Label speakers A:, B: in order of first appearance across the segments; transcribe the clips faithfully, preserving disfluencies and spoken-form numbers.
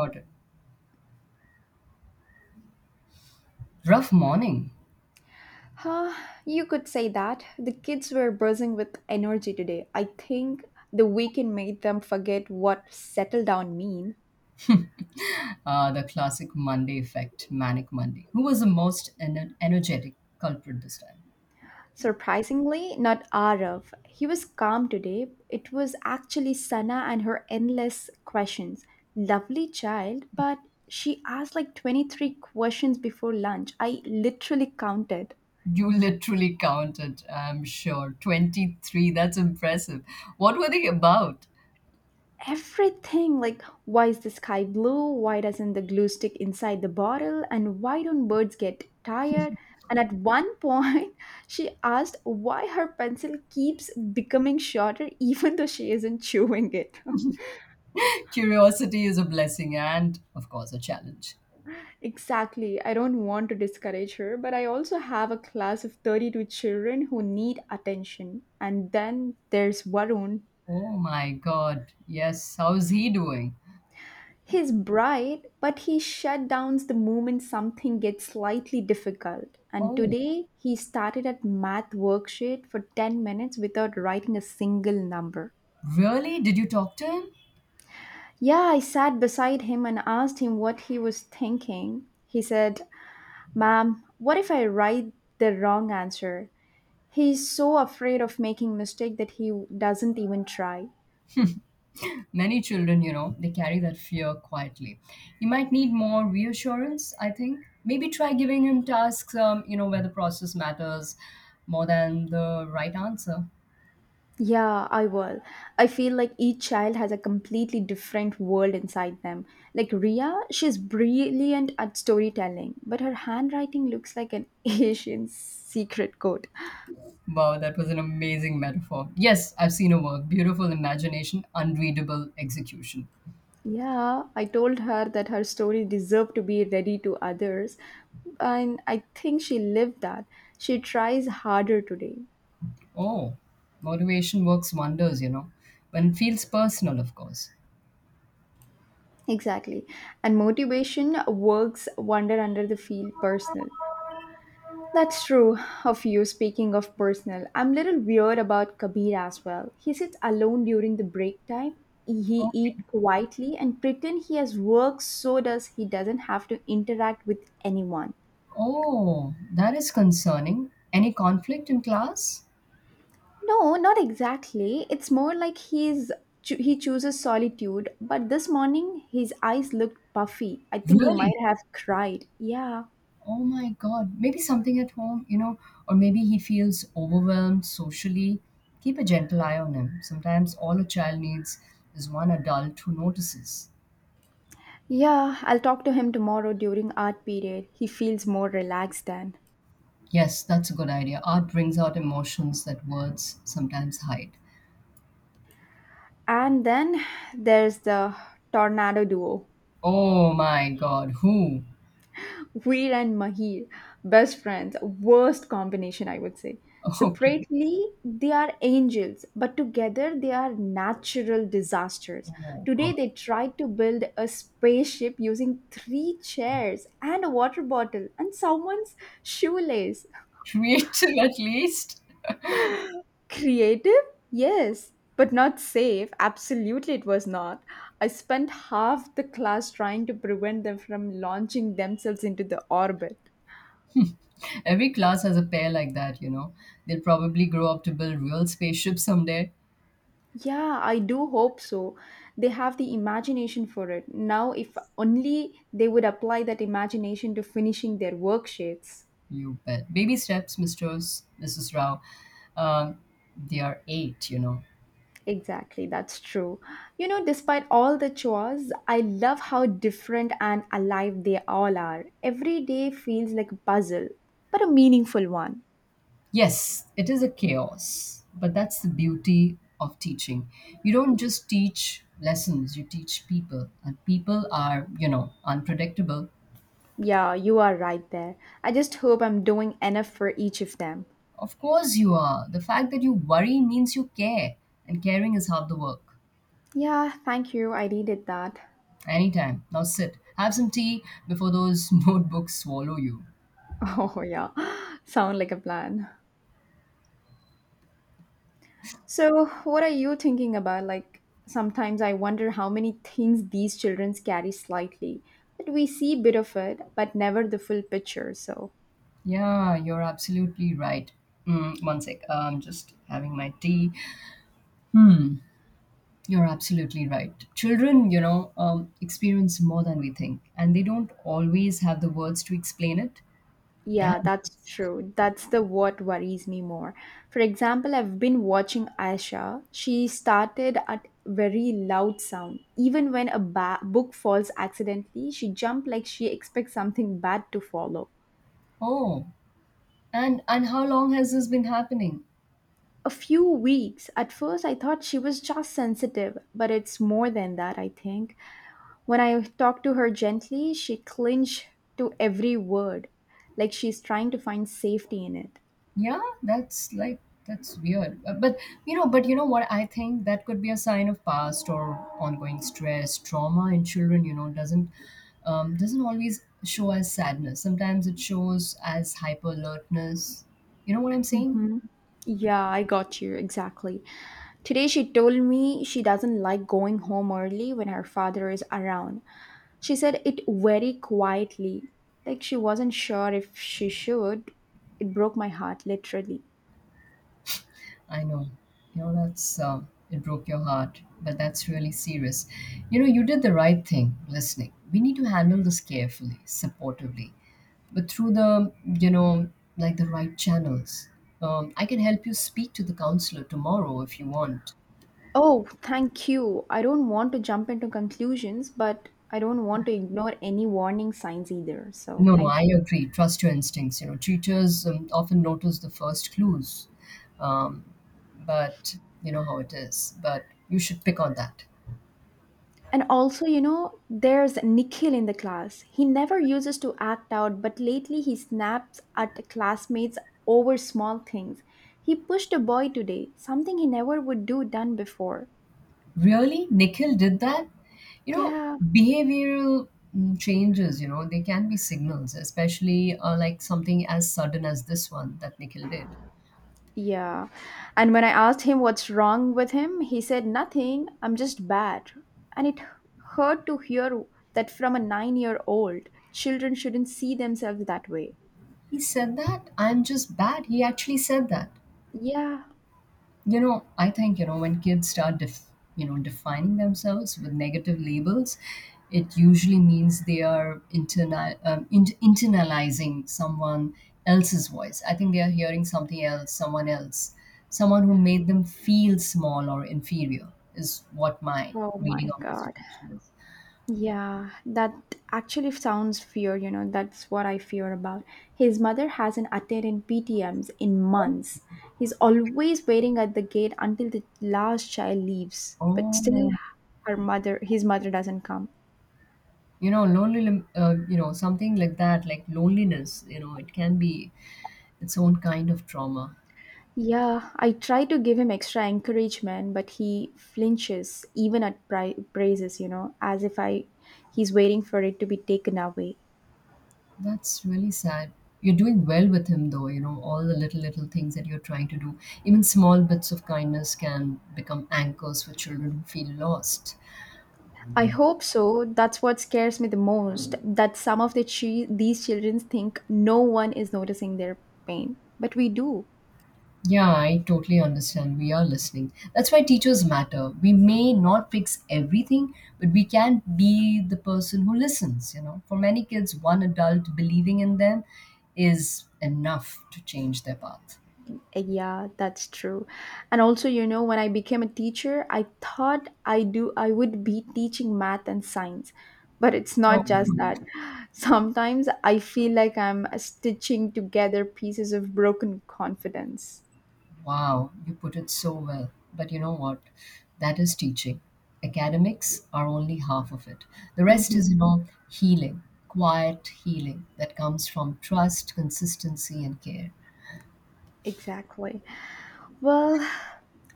A: Got it. Rough morning.
B: Huh, you could say that. The kids were buzzing with energy today. I think the weekend made them forget what settle down mean.
A: Uh, the classic Monday effect, manic Monday. Who was the most ener- energetic culprit this time?
B: Surprisingly, not Arav. He was calm today. It was actually Sana and her endless questions. Lovely child, but she asked like twenty-three questions before lunch. I literally counted.
A: You literally counted, I'm sure. twenty-three. That's impressive. What were they about?
B: Everything like why is the sky blue, why doesn't the glue stick inside the bottle, and why don't birds get tired, and at one point she asked why her pencil keeps becoming shorter even though she isn't chewing it.
A: Curiosity is a blessing and, of course, a challenge.
B: Exactly, I don't want to discourage her, but I also have a class of thirty-two children who need attention. And then there's Varun.
A: Oh my God. Yes. How's he doing?
B: He's bright, but he shut down the moment something gets slightly difficult. And
A: Oh,
B: today, he started at math worksheet for ten minutes without writing a single number.
A: really? Did you talk to him?
B: Yeah, I sat beside him and asked him what he was thinking. He said, Ma'am, what if I write the wrong answer? He's so afraid of making mistake that he doesn't even try.
A: Many children, you know, they carry that fear quietly. You might need more reassurance, I think. Maybe try giving him tasks, um, you know, where the process matters more than the right answer.
B: Yeah, I will. I feel like each child has a completely different world inside them. Like Ria, she's brilliant at storytelling, but her handwriting looks like an Asian secret code.
A: Wow, that was an amazing metaphor. Yes, I've seen a work. Beautiful imagination, unreadable execution.
B: Yeah, I told her that her story deserved to be ready to others, and I think she lived that. She tries harder today.
A: Oh, motivation works wonders, you know, when it feels personal, of course.
B: Exactly. And motivation works wonder under the field personal. That's true of you. Speaking of personal, I'm little weird about Kabir as well. He sits alone during the break time. He
A: Okay.
B: eat quietly and pretend he has work so does he doesn't have to interact with anyone.
A: Oh, that is concerning. Any conflict in class?
B: No, not exactly. It's more like he's cho- he chooses solitude. But this morning his eyes looked puffy. I think he might
A: Really?
B: have cried. Yeah.
A: Oh my God. Maybe something at home, you know, or maybe he feels overwhelmed socially. Keep a gentle eye on him. Sometimes all a child needs is one adult who notices.
B: Yeah, I'll talk to him tomorrow during art period. He feels more relaxed then.
A: Yes, that's a good idea. Art brings out emotions that words sometimes hide.
B: And then there's the tornado duo.
A: Oh my God. Who?
B: Veer and Mahir, best friends, worst combination, I would say.
A: Okay.
B: Separately, they are angels, but together they are natural disasters.
A: Oh
B: Today,
A: God.
B: they tried to build a spaceship using three chairs and a water bottle and someone's shoelace.
A: Creative at least.
B: Creative? Yes, but not safe. Absolutely, it was not. I spent half the class trying to prevent them from launching themselves into the orbit.
A: Every class has a pair like that, you know. They'll probably grow up to build real spaceships someday.
B: Yeah, I do hope so. They have the imagination for it. Now, if only they would apply that imagination to finishing their worksheets.
A: You bet. Baby steps, mister missus Rao. Um, they are eight, you know.
B: Exactly, that's true. You know, despite all the chores, I love how different and alive they all are. Every day feels like a puzzle, but a meaningful one.
A: Yes, it is a chaos, but that's the beauty of teaching. You don't just teach lessons, you teach people, and people are, you know, unpredictable.
B: Yeah, you are right there. I just hope I'm doing enough for each of them.
A: Of course, you are. The fact that you worry means you care, and caring is half the work.
B: Yeah, thank you. I needed that.
A: Anytime. Now sit. Have some tea before those notebooks swallow you.
B: Oh, yeah. Sound like a plan. So, what are you thinking about? Like, sometimes I wonder how many things these children carry slightly. But we see bit of it, but never the full picture. So,
A: Yeah, you're absolutely right. Mm, one sec, I'm just having my tea. Hmm, you're absolutely right. Children, you know, um, experience more than we think, and they don't always have the words to explain it.
B: yeah,
A: Damn.
B: that's true. That's the what worries me more. For example, I've been watching Aisha. She started at very loud sound. Even when a ba- book falls accidentally, she jumped like she expects something bad to follow.
A: Oh, and and how long has this been happening?
B: A few weeks. At first, I thought she was just sensitive, but it's more than that, I think. When I talked to her gently, she clinched to every word, like she's trying to find safety in it.
A: Yeah, that's like that's weird. Uh, But you know, but you know what? I think that could be a sign of past or ongoing stress, trauma in children. You know, doesn't um, doesn't always show as sadness. Sometimes it shows as hyper alertness. You know what I'm saying?
B: Yeah, I got you exactly. Today she told me she doesn't like going home early when her father is around. She said it very quietly, like she wasn't sure if she should. It broke my heart, literally.
A: I know. You know that's uh, it broke your heart, but that's really serious. You know, you did the right thing listening. We need to handle this carefully, supportively, but through the you know like the right channels. um, I can help you speak to the counselor tomorrow if you want.
B: Oh, thank you. I don't want to jump into conclusions, but I don't want to ignore any warning signs either. So,
A: No, no, I
B: thank you.
A: agree. Trust your instincts, you know. Teachers, um, often notice the first clues. Um, but You know how it is, but you should pick on that.
B: And also, you know, there's Nikhil in the class. He never uses to act out, but lately he snaps at classmates over small things. He pushed a boy today, something he never would do done before.
A: Really? Nikhil did that? You know,
B: Yeah.
A: behavioral mm, changes, you know, they can be signals, especially, uh, like something as sudden as this one that Nikhil did.
B: Yeah. And when I asked him what's wrong with him, he said, Nothing, I'm just bad. And it hurt to hear that from a nine-year old. Children shouldn't see themselves that way.
A: He said that "I'm just bad"? He actually said that?
B: Yeah.
A: You know, I think, you know, when kids start, def- you know, defining themselves with negative labels, it usually means they are internal, um, in- internalizing someone else's voice. I think they are hearing something else, someone else, someone who made them feel small or inferior, is what my
B: Oh my
A: reading of the
B: God.
A: situation is.
B: Yeah, that actually sounds fear, you know, that's what I fear about. His mother hasn't attended P T Ms in months. He's always waiting at the gate until the last child leaves, but still
A: Oh,
B: her mother his mother doesn't come.
A: you know, lonely, uh, you know, something like that, like loneliness, you know, it can be its own kind of trauma.
B: Yeah, I try to give him extra encouragement, but he flinches even at pri- praises, you know, as if I he's waiting for it to be taken away.
A: That's really sad. You're doing well with him, though, you know, all the little, little things that you're trying to do. Even small bits of kindness can become anchors for children who feel lost.
B: I hope so. That's what scares me the most that some of the chi- these children think no one is noticing their pain, but we do.
A: Yeah, I totally understand. We are listening. That's why teachers matter. We may not fix everything, but we can be the person who listens, you know. For many kids, one adult believing in them is enough to change their path.
B: Yeah, that's true. And also, you know, when I became a teacher, I thought I do I would be teaching math and science, but it's not
A: Okay.
B: just that. Sometimes I feel like I'm stitching together pieces of broken confidence.
A: Wow, you put it so well. But you know what? That is teaching. Academics are only half of it. The rest
B: Mhm.
A: is, you know, healing, quiet healing that comes from trust, consistency, and care.
B: Exactly. Well,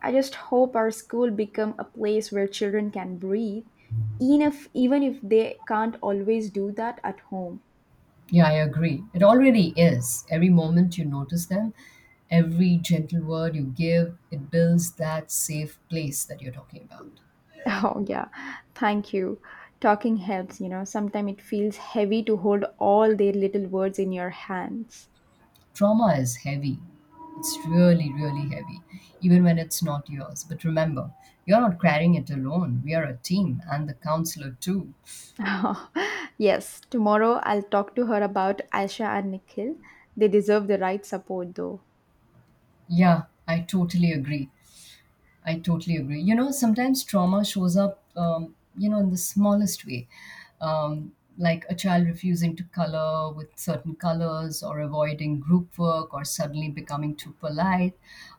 B: I just hope our school become a place where children can breathe, even if, even if they can't always do that at home.
A: Yeah, I agree. It already is. Every moment you notice them, every gentle word you give, it builds that safe place that you're talking about.
B: Oh yeah, thank you. Talking helps, you know. Sometimes it feels heavy to hold all their little words in your hands.
A: Trauma is heavy. It's really, really heavy, even when it's not yours. But remember, you're not carrying it alone. We are a team, and the counselor too.
B: Oh, yes, tomorrow I'll talk to her about Aisha and Nikhil. They deserve the right support though.
A: Yeah, I totally agree. I totally agree. You know, sometimes trauma shows up, um, you know, in the smallest way, um, like a child refusing to color with certain colors or avoiding group work or suddenly becoming too polite,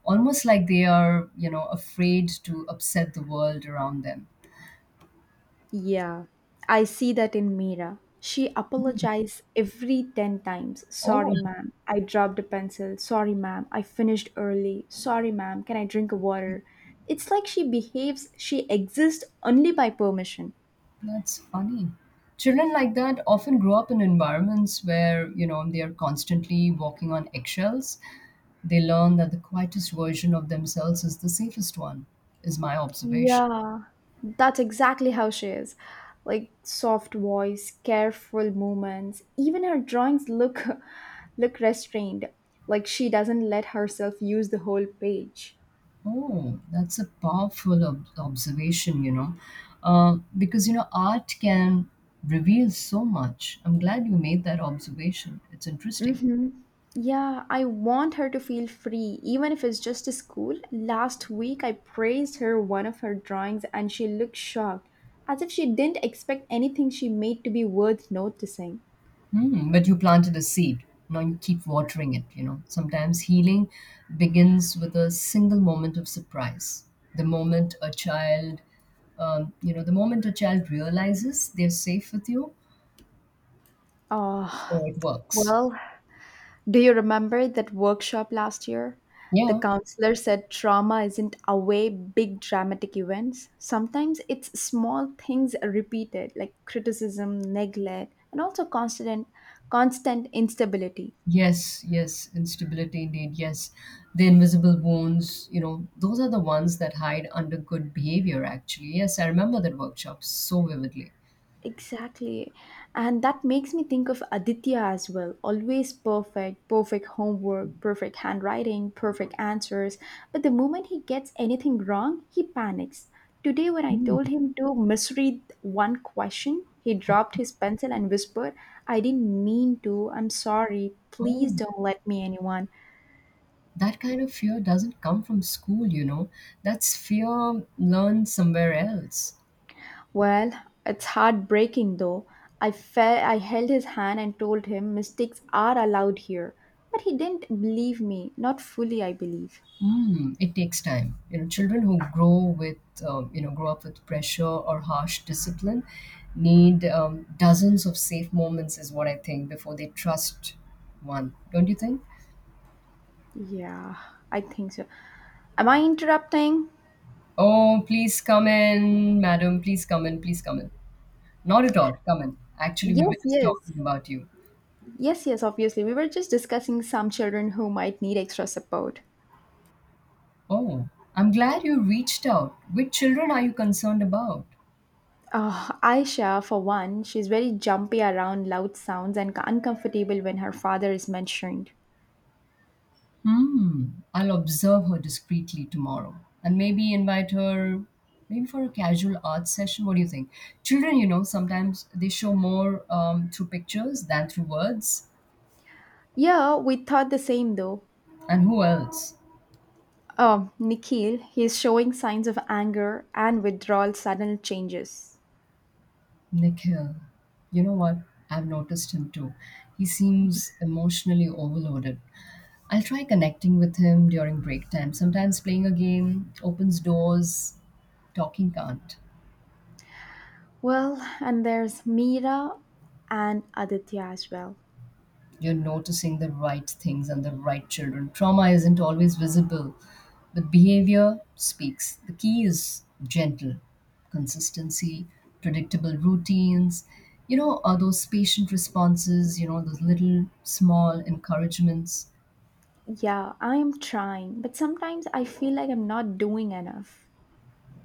A: almost like they are, you know, afraid to upset the world around them.
B: Yeah, I see that in Mira. She apologized every ten times.
A: Oh,
B: Sorry, ma'am, I dropped a pencil. Sorry, ma'am, I finished early. Sorry, ma'am, can I drink a water? It's like she behaves, she exists only by permission.
A: that's funny. Children like that often grow up in environments where, you know, they are constantly walking on eggshells. They learn that the quietest version of themselves is the safest one, is my observation.
B: Yeah, that's exactly how she is. Like soft voice, careful movements. Even her drawings look look restrained, like she doesn't let herself use the whole page.
A: Oh, that's a powerful ob- observation, you know, uh, because, you know, art can reveal so much. I'm glad you made that observation. It's interesting.
B: Mm-hmm. Yeah, I want her to feel free, even if it's just a school. Last week, I praised her one of her drawings and she looked shocked, as if she didn't expect anything she made to be worth noticing.
A: Hmm, but you planted a seed. Now you keep watering it, you know. Sometimes healing begins with a single moment of surprise. The moment a child, um, you know, the moment a child realizes they're safe with you,
B: Oh,
A: so it works.
B: well, do you remember that workshop last year? The
A: Yeah.
B: counselor said trauma isn't away big dramatic events. Sometimes it's small things repeated, like criticism, neglect, and also constant, constant instability.
A: Yes, yes, instability indeed. Yes. The invisible wounds, you know, those are the ones that hide under good behavior, actually. Yes, I remember that workshop so vividly.
B: Exactly. And that makes me think of Aditya as well. Always perfect, perfect homework, perfect handwriting, perfect answers. But the moment he gets anything wrong, he panics. Today, when I
A: Hmm.
B: told him to misread one question, he dropped his pencil and whispered, I didn't mean to. I'm sorry. Please
A: Oh,
B: don't let me anyone.
A: that kind of fear doesn't come from school, you know. That's fear learned somewhere else.
B: Well, it's heartbreaking though. I fell, I held his hand and told him mistakes are allowed here. But he didn't believe me, not fully, I believe.
A: Mm, it takes time. You know, children who grow with, um, you know, grow up with pressure or harsh discipline need um, dozens of safe moments, is what I think, before they trust one. Don't you think?
B: Yeah, I think so. Am I interrupting?
A: Oh, please come in, madam. Please come in. Please come in. Not at all. Come in. Actually, we were
B: Yes,
A: just
B: yes.
A: talking about you.
B: Yes, yes, obviously. We were just discussing some children who might need extra support.
A: Oh, I'm glad you reached out. Which children are you concerned about?
B: Oh, Aisha, for one, she's very jumpy around loud sounds and uncomfortable when her father is mentioned.
A: Hmm. I'll observe her discreetly tomorrow and maybe invite her maybe for a casual art session. What do you think? Children, you know, sometimes they show more um, through pictures than through words.
B: Yeah, we thought the same though.
A: And who else?
B: Um, Nikhil, he is showing signs of anger and withdrawal, sudden changes.
A: Nikhil. You know what? I've noticed him too. He seems emotionally overloaded. I'll try connecting with him during break time. Sometimes playing a game opens doors, talking can't.
B: Well, and there's Mira and Aditya as well.
A: You're noticing the right things and the right children. Trauma isn't always visible, but behavior speaks. The key is gentle consistency, predictable routines, you know, are those patient responses, you know, those little small encouragements.
B: Yeah, I am trying, but sometimes I feel like I'm not doing enough.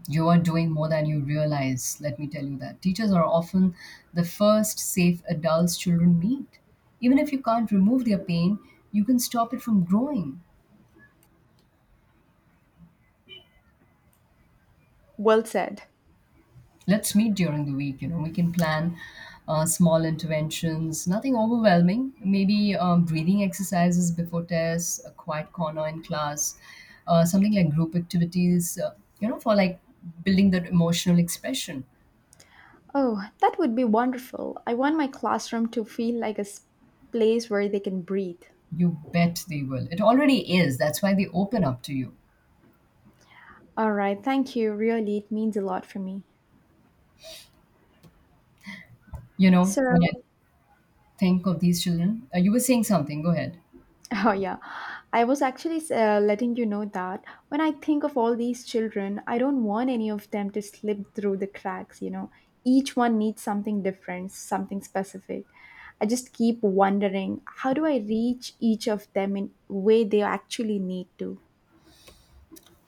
A: You are doing more than you realize, let me tell you that. Teachers are often the first safe adults children meet. Even if you can't remove their pain, you can stop it from growing.
B: Well said.
A: Let's meet during the week, you know. We can plan, uh, small interventions, nothing overwhelming. Maybe um, breathing exercises before tests, a quiet corner in class, uh, something like group activities, uh, you know, for like building that emotional expression.
B: Oh, that would be wonderful. I want my classroom to feel like a s- place where they can breathe.
A: You bet they will. It already is. That's why they open up to you.
B: All right, thank you. Really, it means a lot for me.
A: You know when i
B: So,
A: think of these children, uh, you were saying something, go ahead.
B: oh, yeah. I was actually uh, letting you know that when I think of all these children, I don't want any of them to slip through the cracks, you know. Each one needs something different, something specific. I just keep wondering, how do I reach each of them in way they actually need to?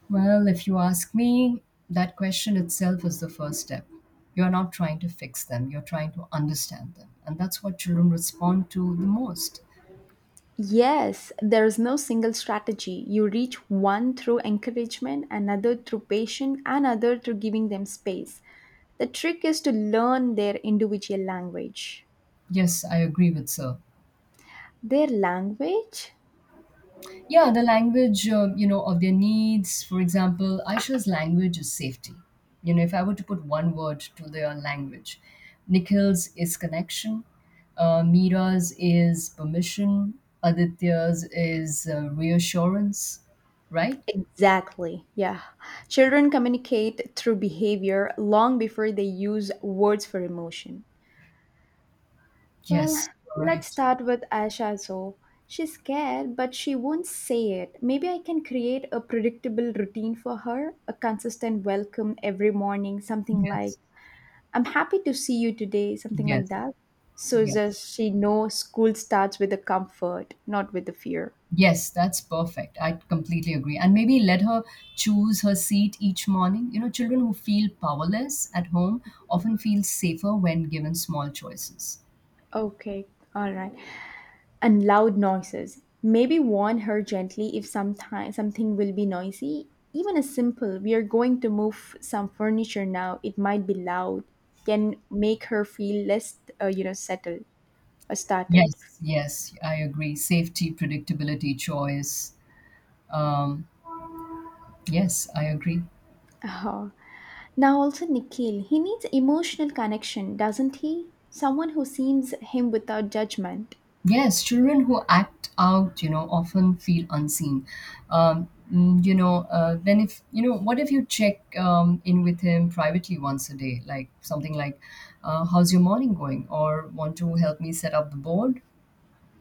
A: Well, if you ask me, that question itself is the first step. You're not trying to fix them, you're trying to understand them. And that's what children respond to the most.
B: Yes, there is no single strategy. You reach one through encouragement, another through patience, another through giving them space. The trick is to learn their individual language.
A: Yes, I agree with Sir.
B: Their language?
A: Yeah, the language, uh, you know, of their needs. For example, Aisha's language is safety. You know, if I were to put one word to their language, Nikhil's is connection, uh, Mira's is permission, Aditya's is uh, reassurance, right?
B: Exactly. Yeah. Children communicate through behavior long before they use words for emotion. Well,
A: Yes, you're
B: let's
A: right.
B: start with Asha. So she's scared, but she won't say it. Maybe I can create a predictable routine for her, a consistent welcome every morning, something like,
A: Yes,
B: I'm happy to see you today, something like
A: yes,
B: that. So that
A: yes.
B: she knows school starts with the comfort, not with the fear.
A: Yes, that's perfect. I completely agree. And maybe let her choose her seat each morning. You know, children who feel powerless at home often feel safer when given small choices.
B: Okay, all right. And loud noises. Maybe warn her gently if sometime, something will be noisy. Even a simple, we are going to move some furniture now, it might be loud, can make her feel less, uh, you know, settled or startled.
A: Yes, yes, I agree. Safety, predictability, choice. Um, yes, I agree.
B: Uh-huh. Now, also, Nikhil, he needs emotional connection, doesn't he? Someone who sees him without judgment.
A: Yes, children who act out, you know, often feel unseen. Um, mm, you know, uh, then if you know, what if you check um, in with him privately once a day, like something like, uh, "How's your morning going?" or "Want to help me set up the board?"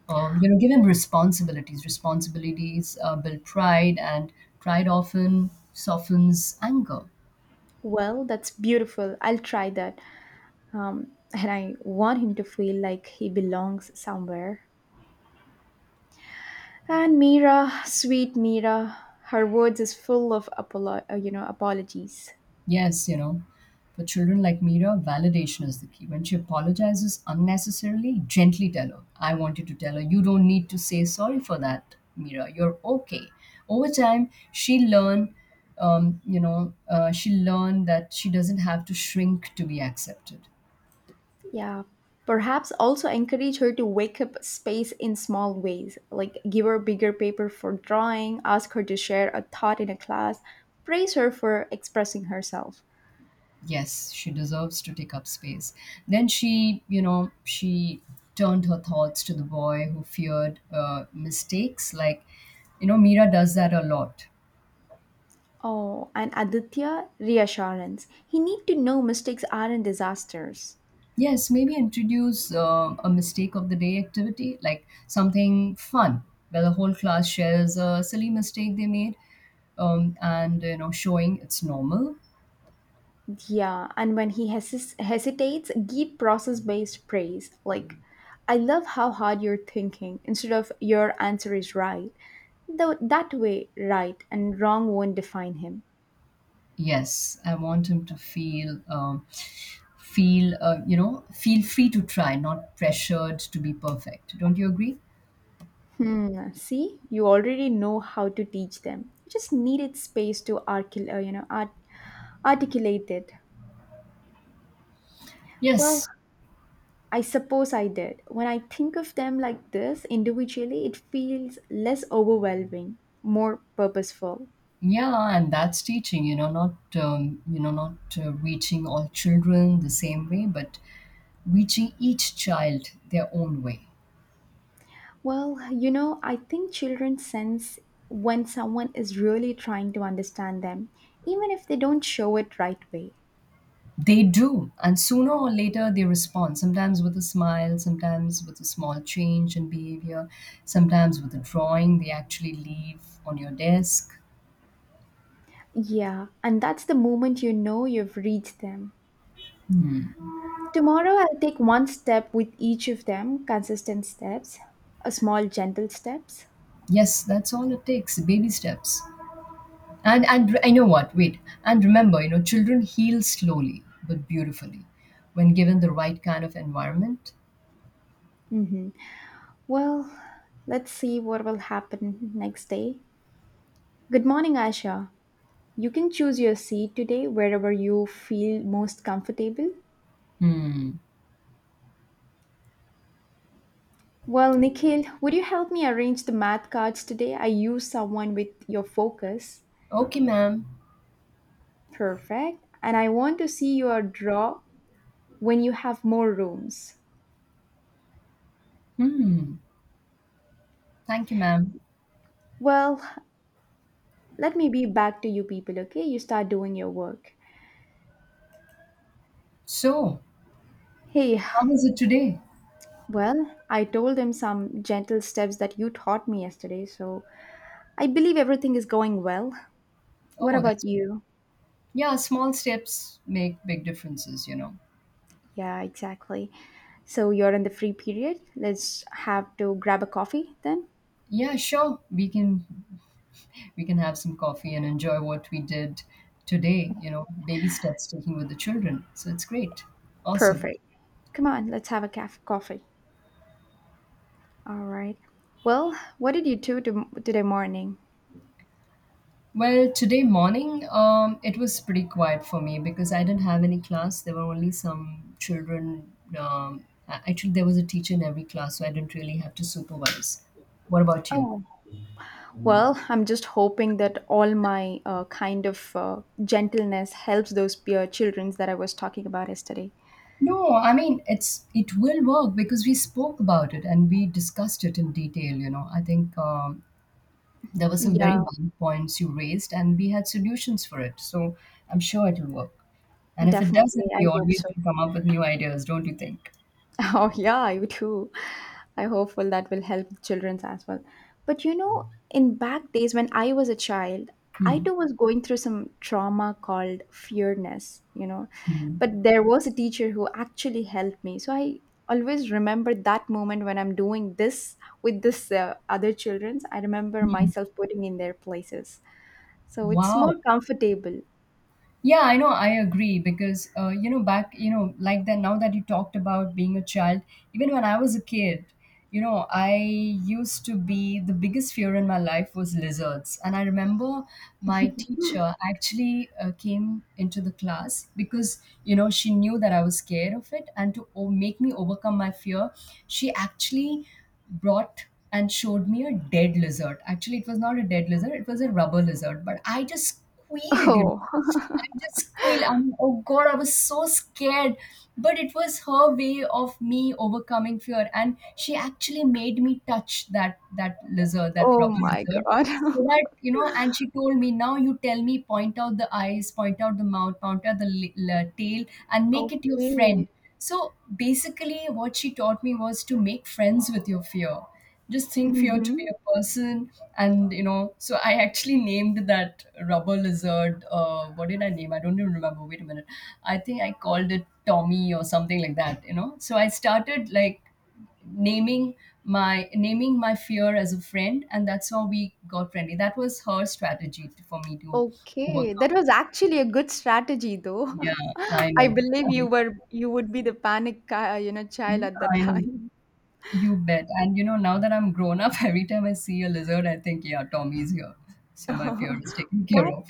A: Um, you know, give him responsibilities. Responsibilities uh, build pride, and pride often softens anger.
B: Well, that's beautiful. I'll try that. Um, and I want him to feel like he belongs somewhere. And Mira, sweet Mira, her words is full of apolo- uh, you know apologies.
A: Yes, you know, for children like Mira, validation is the key. When she apologizes unnecessarily, gently tell her, I want you to tell her, "You don't need to say sorry for that, Mira. You're okay." Over time, she learned, um, you know, uh, she learned that she doesn't have to shrink to be accepted.
B: Yeah. Perhaps also encourage her to wake up space in small ways, like give her bigger paper for drawing, ask her to share a thought in a class, praise her for expressing herself.
A: Yes, she deserves to take up space. Then she, you know, she turned her thoughts to the boy who feared uh, mistakes. Like, you know, Mira does that a lot.
B: Oh, and Aditya reassurance. He need to know mistakes aren't disasters.
A: Yes, maybe introduce uh, a mistake of the day activity, like something fun, where the whole class shares a silly mistake they made, um, and you know, showing it's normal.
B: Yeah, and when he hesis hesitates, give process-based praise. Like, I love how hard you're thinking instead of your answer is right. Though that way, right and wrong won't define him.
A: Yes, I want him to feel, um, feel, uh, you know, feel free to try, not pressured to be perfect. Don't you agree?
B: Hmm. See, you already know how to teach them. You just needed space to arcul- uh, you know, art- articulate it. Well,
A: Yes,
B: I suppose I did. When I think of them like this individually, it feels less overwhelming, more purposeful.
A: yeah, and that's teaching. You know, not um, you know, not uh, reaching all children the same way, but reaching each child their own way.
B: Well, you know, I think children sense when someone is really trying to understand them, even if they don't show it right way.
A: They do, and sooner or later they respond, sometimes with a smile, sometimes with a small change in behavior, sometimes with a drawing they actually leave on your desk.
B: Yeah, and that's the moment you know you've reached them. Tomorrow, I'll take one step with each of them, consistent steps, a small, gentle steps.
A: Yes, that's all it takes, baby steps. And and I know what, wait. And remember, you know, children heal slowly but beautifully when given the right kind of environment.
B: Well, let's see what will happen next day. Good morning, Asha. You can choose your seat today wherever you feel most comfortable.
A: Hmm.
B: Well, Nikhil, would you help me arrange the math cards today? I used someone with your focus.
A: Okay, ma'am.
B: Perfect. And I want to see your draw when you have more rooms.
A: Hmm. Thank you, ma'am.
B: Well, let me be back to you people, okay? You start doing your work.
A: So,
B: Hey,
A: how was it today?
B: well, I told them some gentle steps that you taught me yesterday, so I believe everything is going well. What
A: Oh,
B: about
A: that's
B: you?
A: yeah, small steps make big differences you know
B: Yeah, exactly. So you're in the free period. Let's have to grab a coffee then.
A: Yeah, sure, we can, we can have some coffee and enjoy what we did today you know baby steps taking with the children, so it's great. Awesome.
B: Perfect. Come on, let's have a caf- coffee. All right. Well, what did you do to- today morning?
A: Well, today morning um, it was pretty quiet for me because I didn't have any class. There were only some children. um, a- Actually, there was a teacher in every class, so I didn't really have to supervise. What about you?
B: Oh, well, I'm just hoping that all my uh, kind of uh, gentleness helps those peer children that I was talking about yesterday.
A: No, I mean it's, it will work because we spoke about it and we discussed it in detail. You know, I think um, there were some very
B: Yeah,
A: valid points you raised, and we had solutions for it. So I'm sure it'll work. And if it
B: definitely.
A: doesn't,
B: I
A: we
B: hope
A: always
B: so.
A: will come up with new ideas, don't you think?
B: Oh, yeah, you too. I hopeful that will help children as well. But you know, in back days when I was a child, I
A: Hmm.
B: too was going through some trauma called fearness, you know.
A: Hmm.
B: But there was a teacher who actually helped me. So I always remember that moment when I'm doing this with this uh, other children's. I remember
A: Hmm.
B: myself putting in their places. So it's more
A: Wow.
B: comfortable.
A: Yeah, I know. I agree because uh, you know, back, you know, like that, now that you talked about being a child. Even when I was a kid, you know, I used to be, the biggest fear in my life was lizards, and I remember my teacher actually uh, came into the class because, you know, she knew that I was scared of it, and to o- make me overcome my fear, she actually brought and showed me a dead lizard. Actually, it was not a dead lizard; it was a rubber lizard, but I just squealed. You
B: Oh,
A: know? I just squealed. I'm, like, oh God, I was so scared. But it was her way of me overcoming fear. And she actually made me touch that that lizard, that
B: oh
A: rubber
B: my
A: lizard.
B: God.
A: So that, you know, and she told me, now you tell me, point out the eyes, point out the mouth, point out the l- l- tail, and make it your friend.
B: Okay.
A: So basically, what she taught me was to make friends with your fear. Just think fear to be
B: Mm-hmm.
A: a person, and you know, so I actually named that rubber lizard. Uh, what did I name? I don't even remember. Wait a minute. I think I called it Tommy or something like that, you know. So I started like naming, my naming my fear as a friend, and that's how we got friendly. That was her strategy to, for me to
B: Okay,
A: overcome.
B: that was actually a good strategy though.
A: Yeah. I
B: I
A: know.
B: believe you were you would be the panic, uh, you know, child at that
A: I know.
B: time.
A: You bet. And you know, now that I'm grown up, every time I see a lizard, I think, yeah, Tommy's here. So my fear is taken care
B: But
A: of.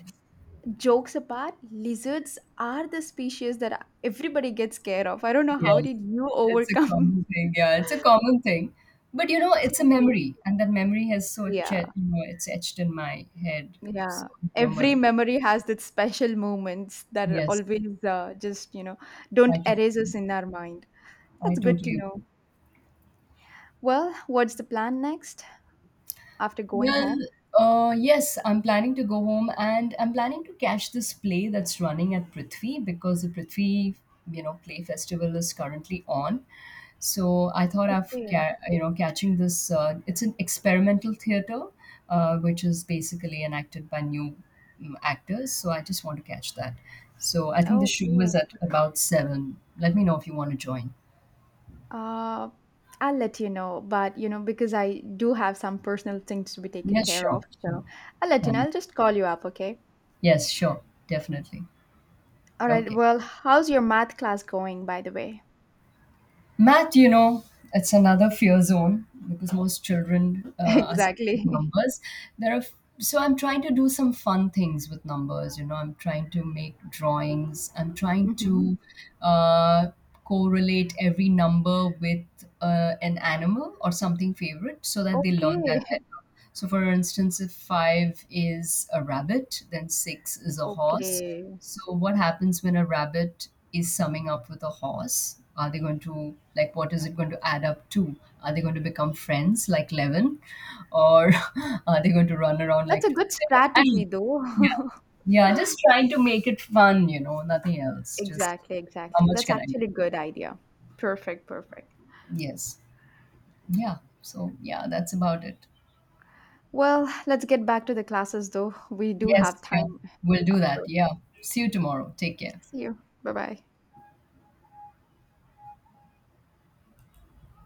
B: jokes apart, lizards are the species that everybody gets scared of. I don't know how
A: Yes.
B: did you
A: It's a
B: overcome.
A: common thing. Yeah, it's a common thing. But you know, it's a
B: Exactly.
A: memory. And that memory has so ch-
B: Yeah,
A: you know, it's etched in my head. So
B: yeah.
A: I
B: Every
A: remember.
B: memory has that special moments that are
A: Yes,
B: always uh, just, you know, don't
A: I
B: erase us
A: totally,
B: in our mind.
A: I
B: That's good to
A: totally
B: know.
A: agree.
B: Well, what's the plan next after going
A: Well,
B: home?
A: uh, yes, I'm planning to go home and I'm planning to catch this play that's running at Prithvi, because the Prithvi, you know, play festival is currently on. So I thought of,
B: Okay,
A: ca- you know, catching this. Uh, it's an experimental theater, uh, which is basically enacted by new mm, actors. So I just want to catch that. So I think the show
B: okay.
A: is at about seven. Let me know if you want to join.
B: Uh, I'll let you know, but you know, because I do have some personal things to be taken
A: Yes,
B: care of,
A: sure,
B: so
A: sure.
B: I'll let you know.
A: Um,
B: I'll just call you up, okay?
A: yes, sure, definitely.
B: All right.
A: Okay.
B: Well, how's your math class going, by the way?
A: Math, you know, it's another fear zone because most children uh, are scared
B: Exactly.
A: of numbers. There are f- so I'm trying to do some fun things with numbers. You know, I'm trying to make drawings. I'm trying
B: Hmm.
A: to uh, correlate every number with uh, an animal or something favorite so that they learn
B: Okay,
A: that better. So, for instance, if five is a rabbit, then six is a horse.
B: okay.
A: So, what happens when a rabbit is summing up with a horse? Are they going to, like, what is it going to add up to? Are they going to become friends like Levin? Or are they going to run around
B: That's a
A: like.
B: good
A: I
B: strategy,
A: mean,
B: though.
A: yeah, yeah, just trying to make it fun, you know, nothing else. Just
B: Exactly,
A: how
B: exactly.
A: much
B: That's
A: can I
B: actually a
A: do?
B: good idea. Perfect, perfect.
A: Yes. Yeah. So, yeah, that's about it.
B: Well, let's get back to the classes, though. We do have
A: Yes,
B: time
A: yeah. We'll do
B: up.
A: that. Yeah. See you tomorrow. Take care.
B: See you. Bye bye.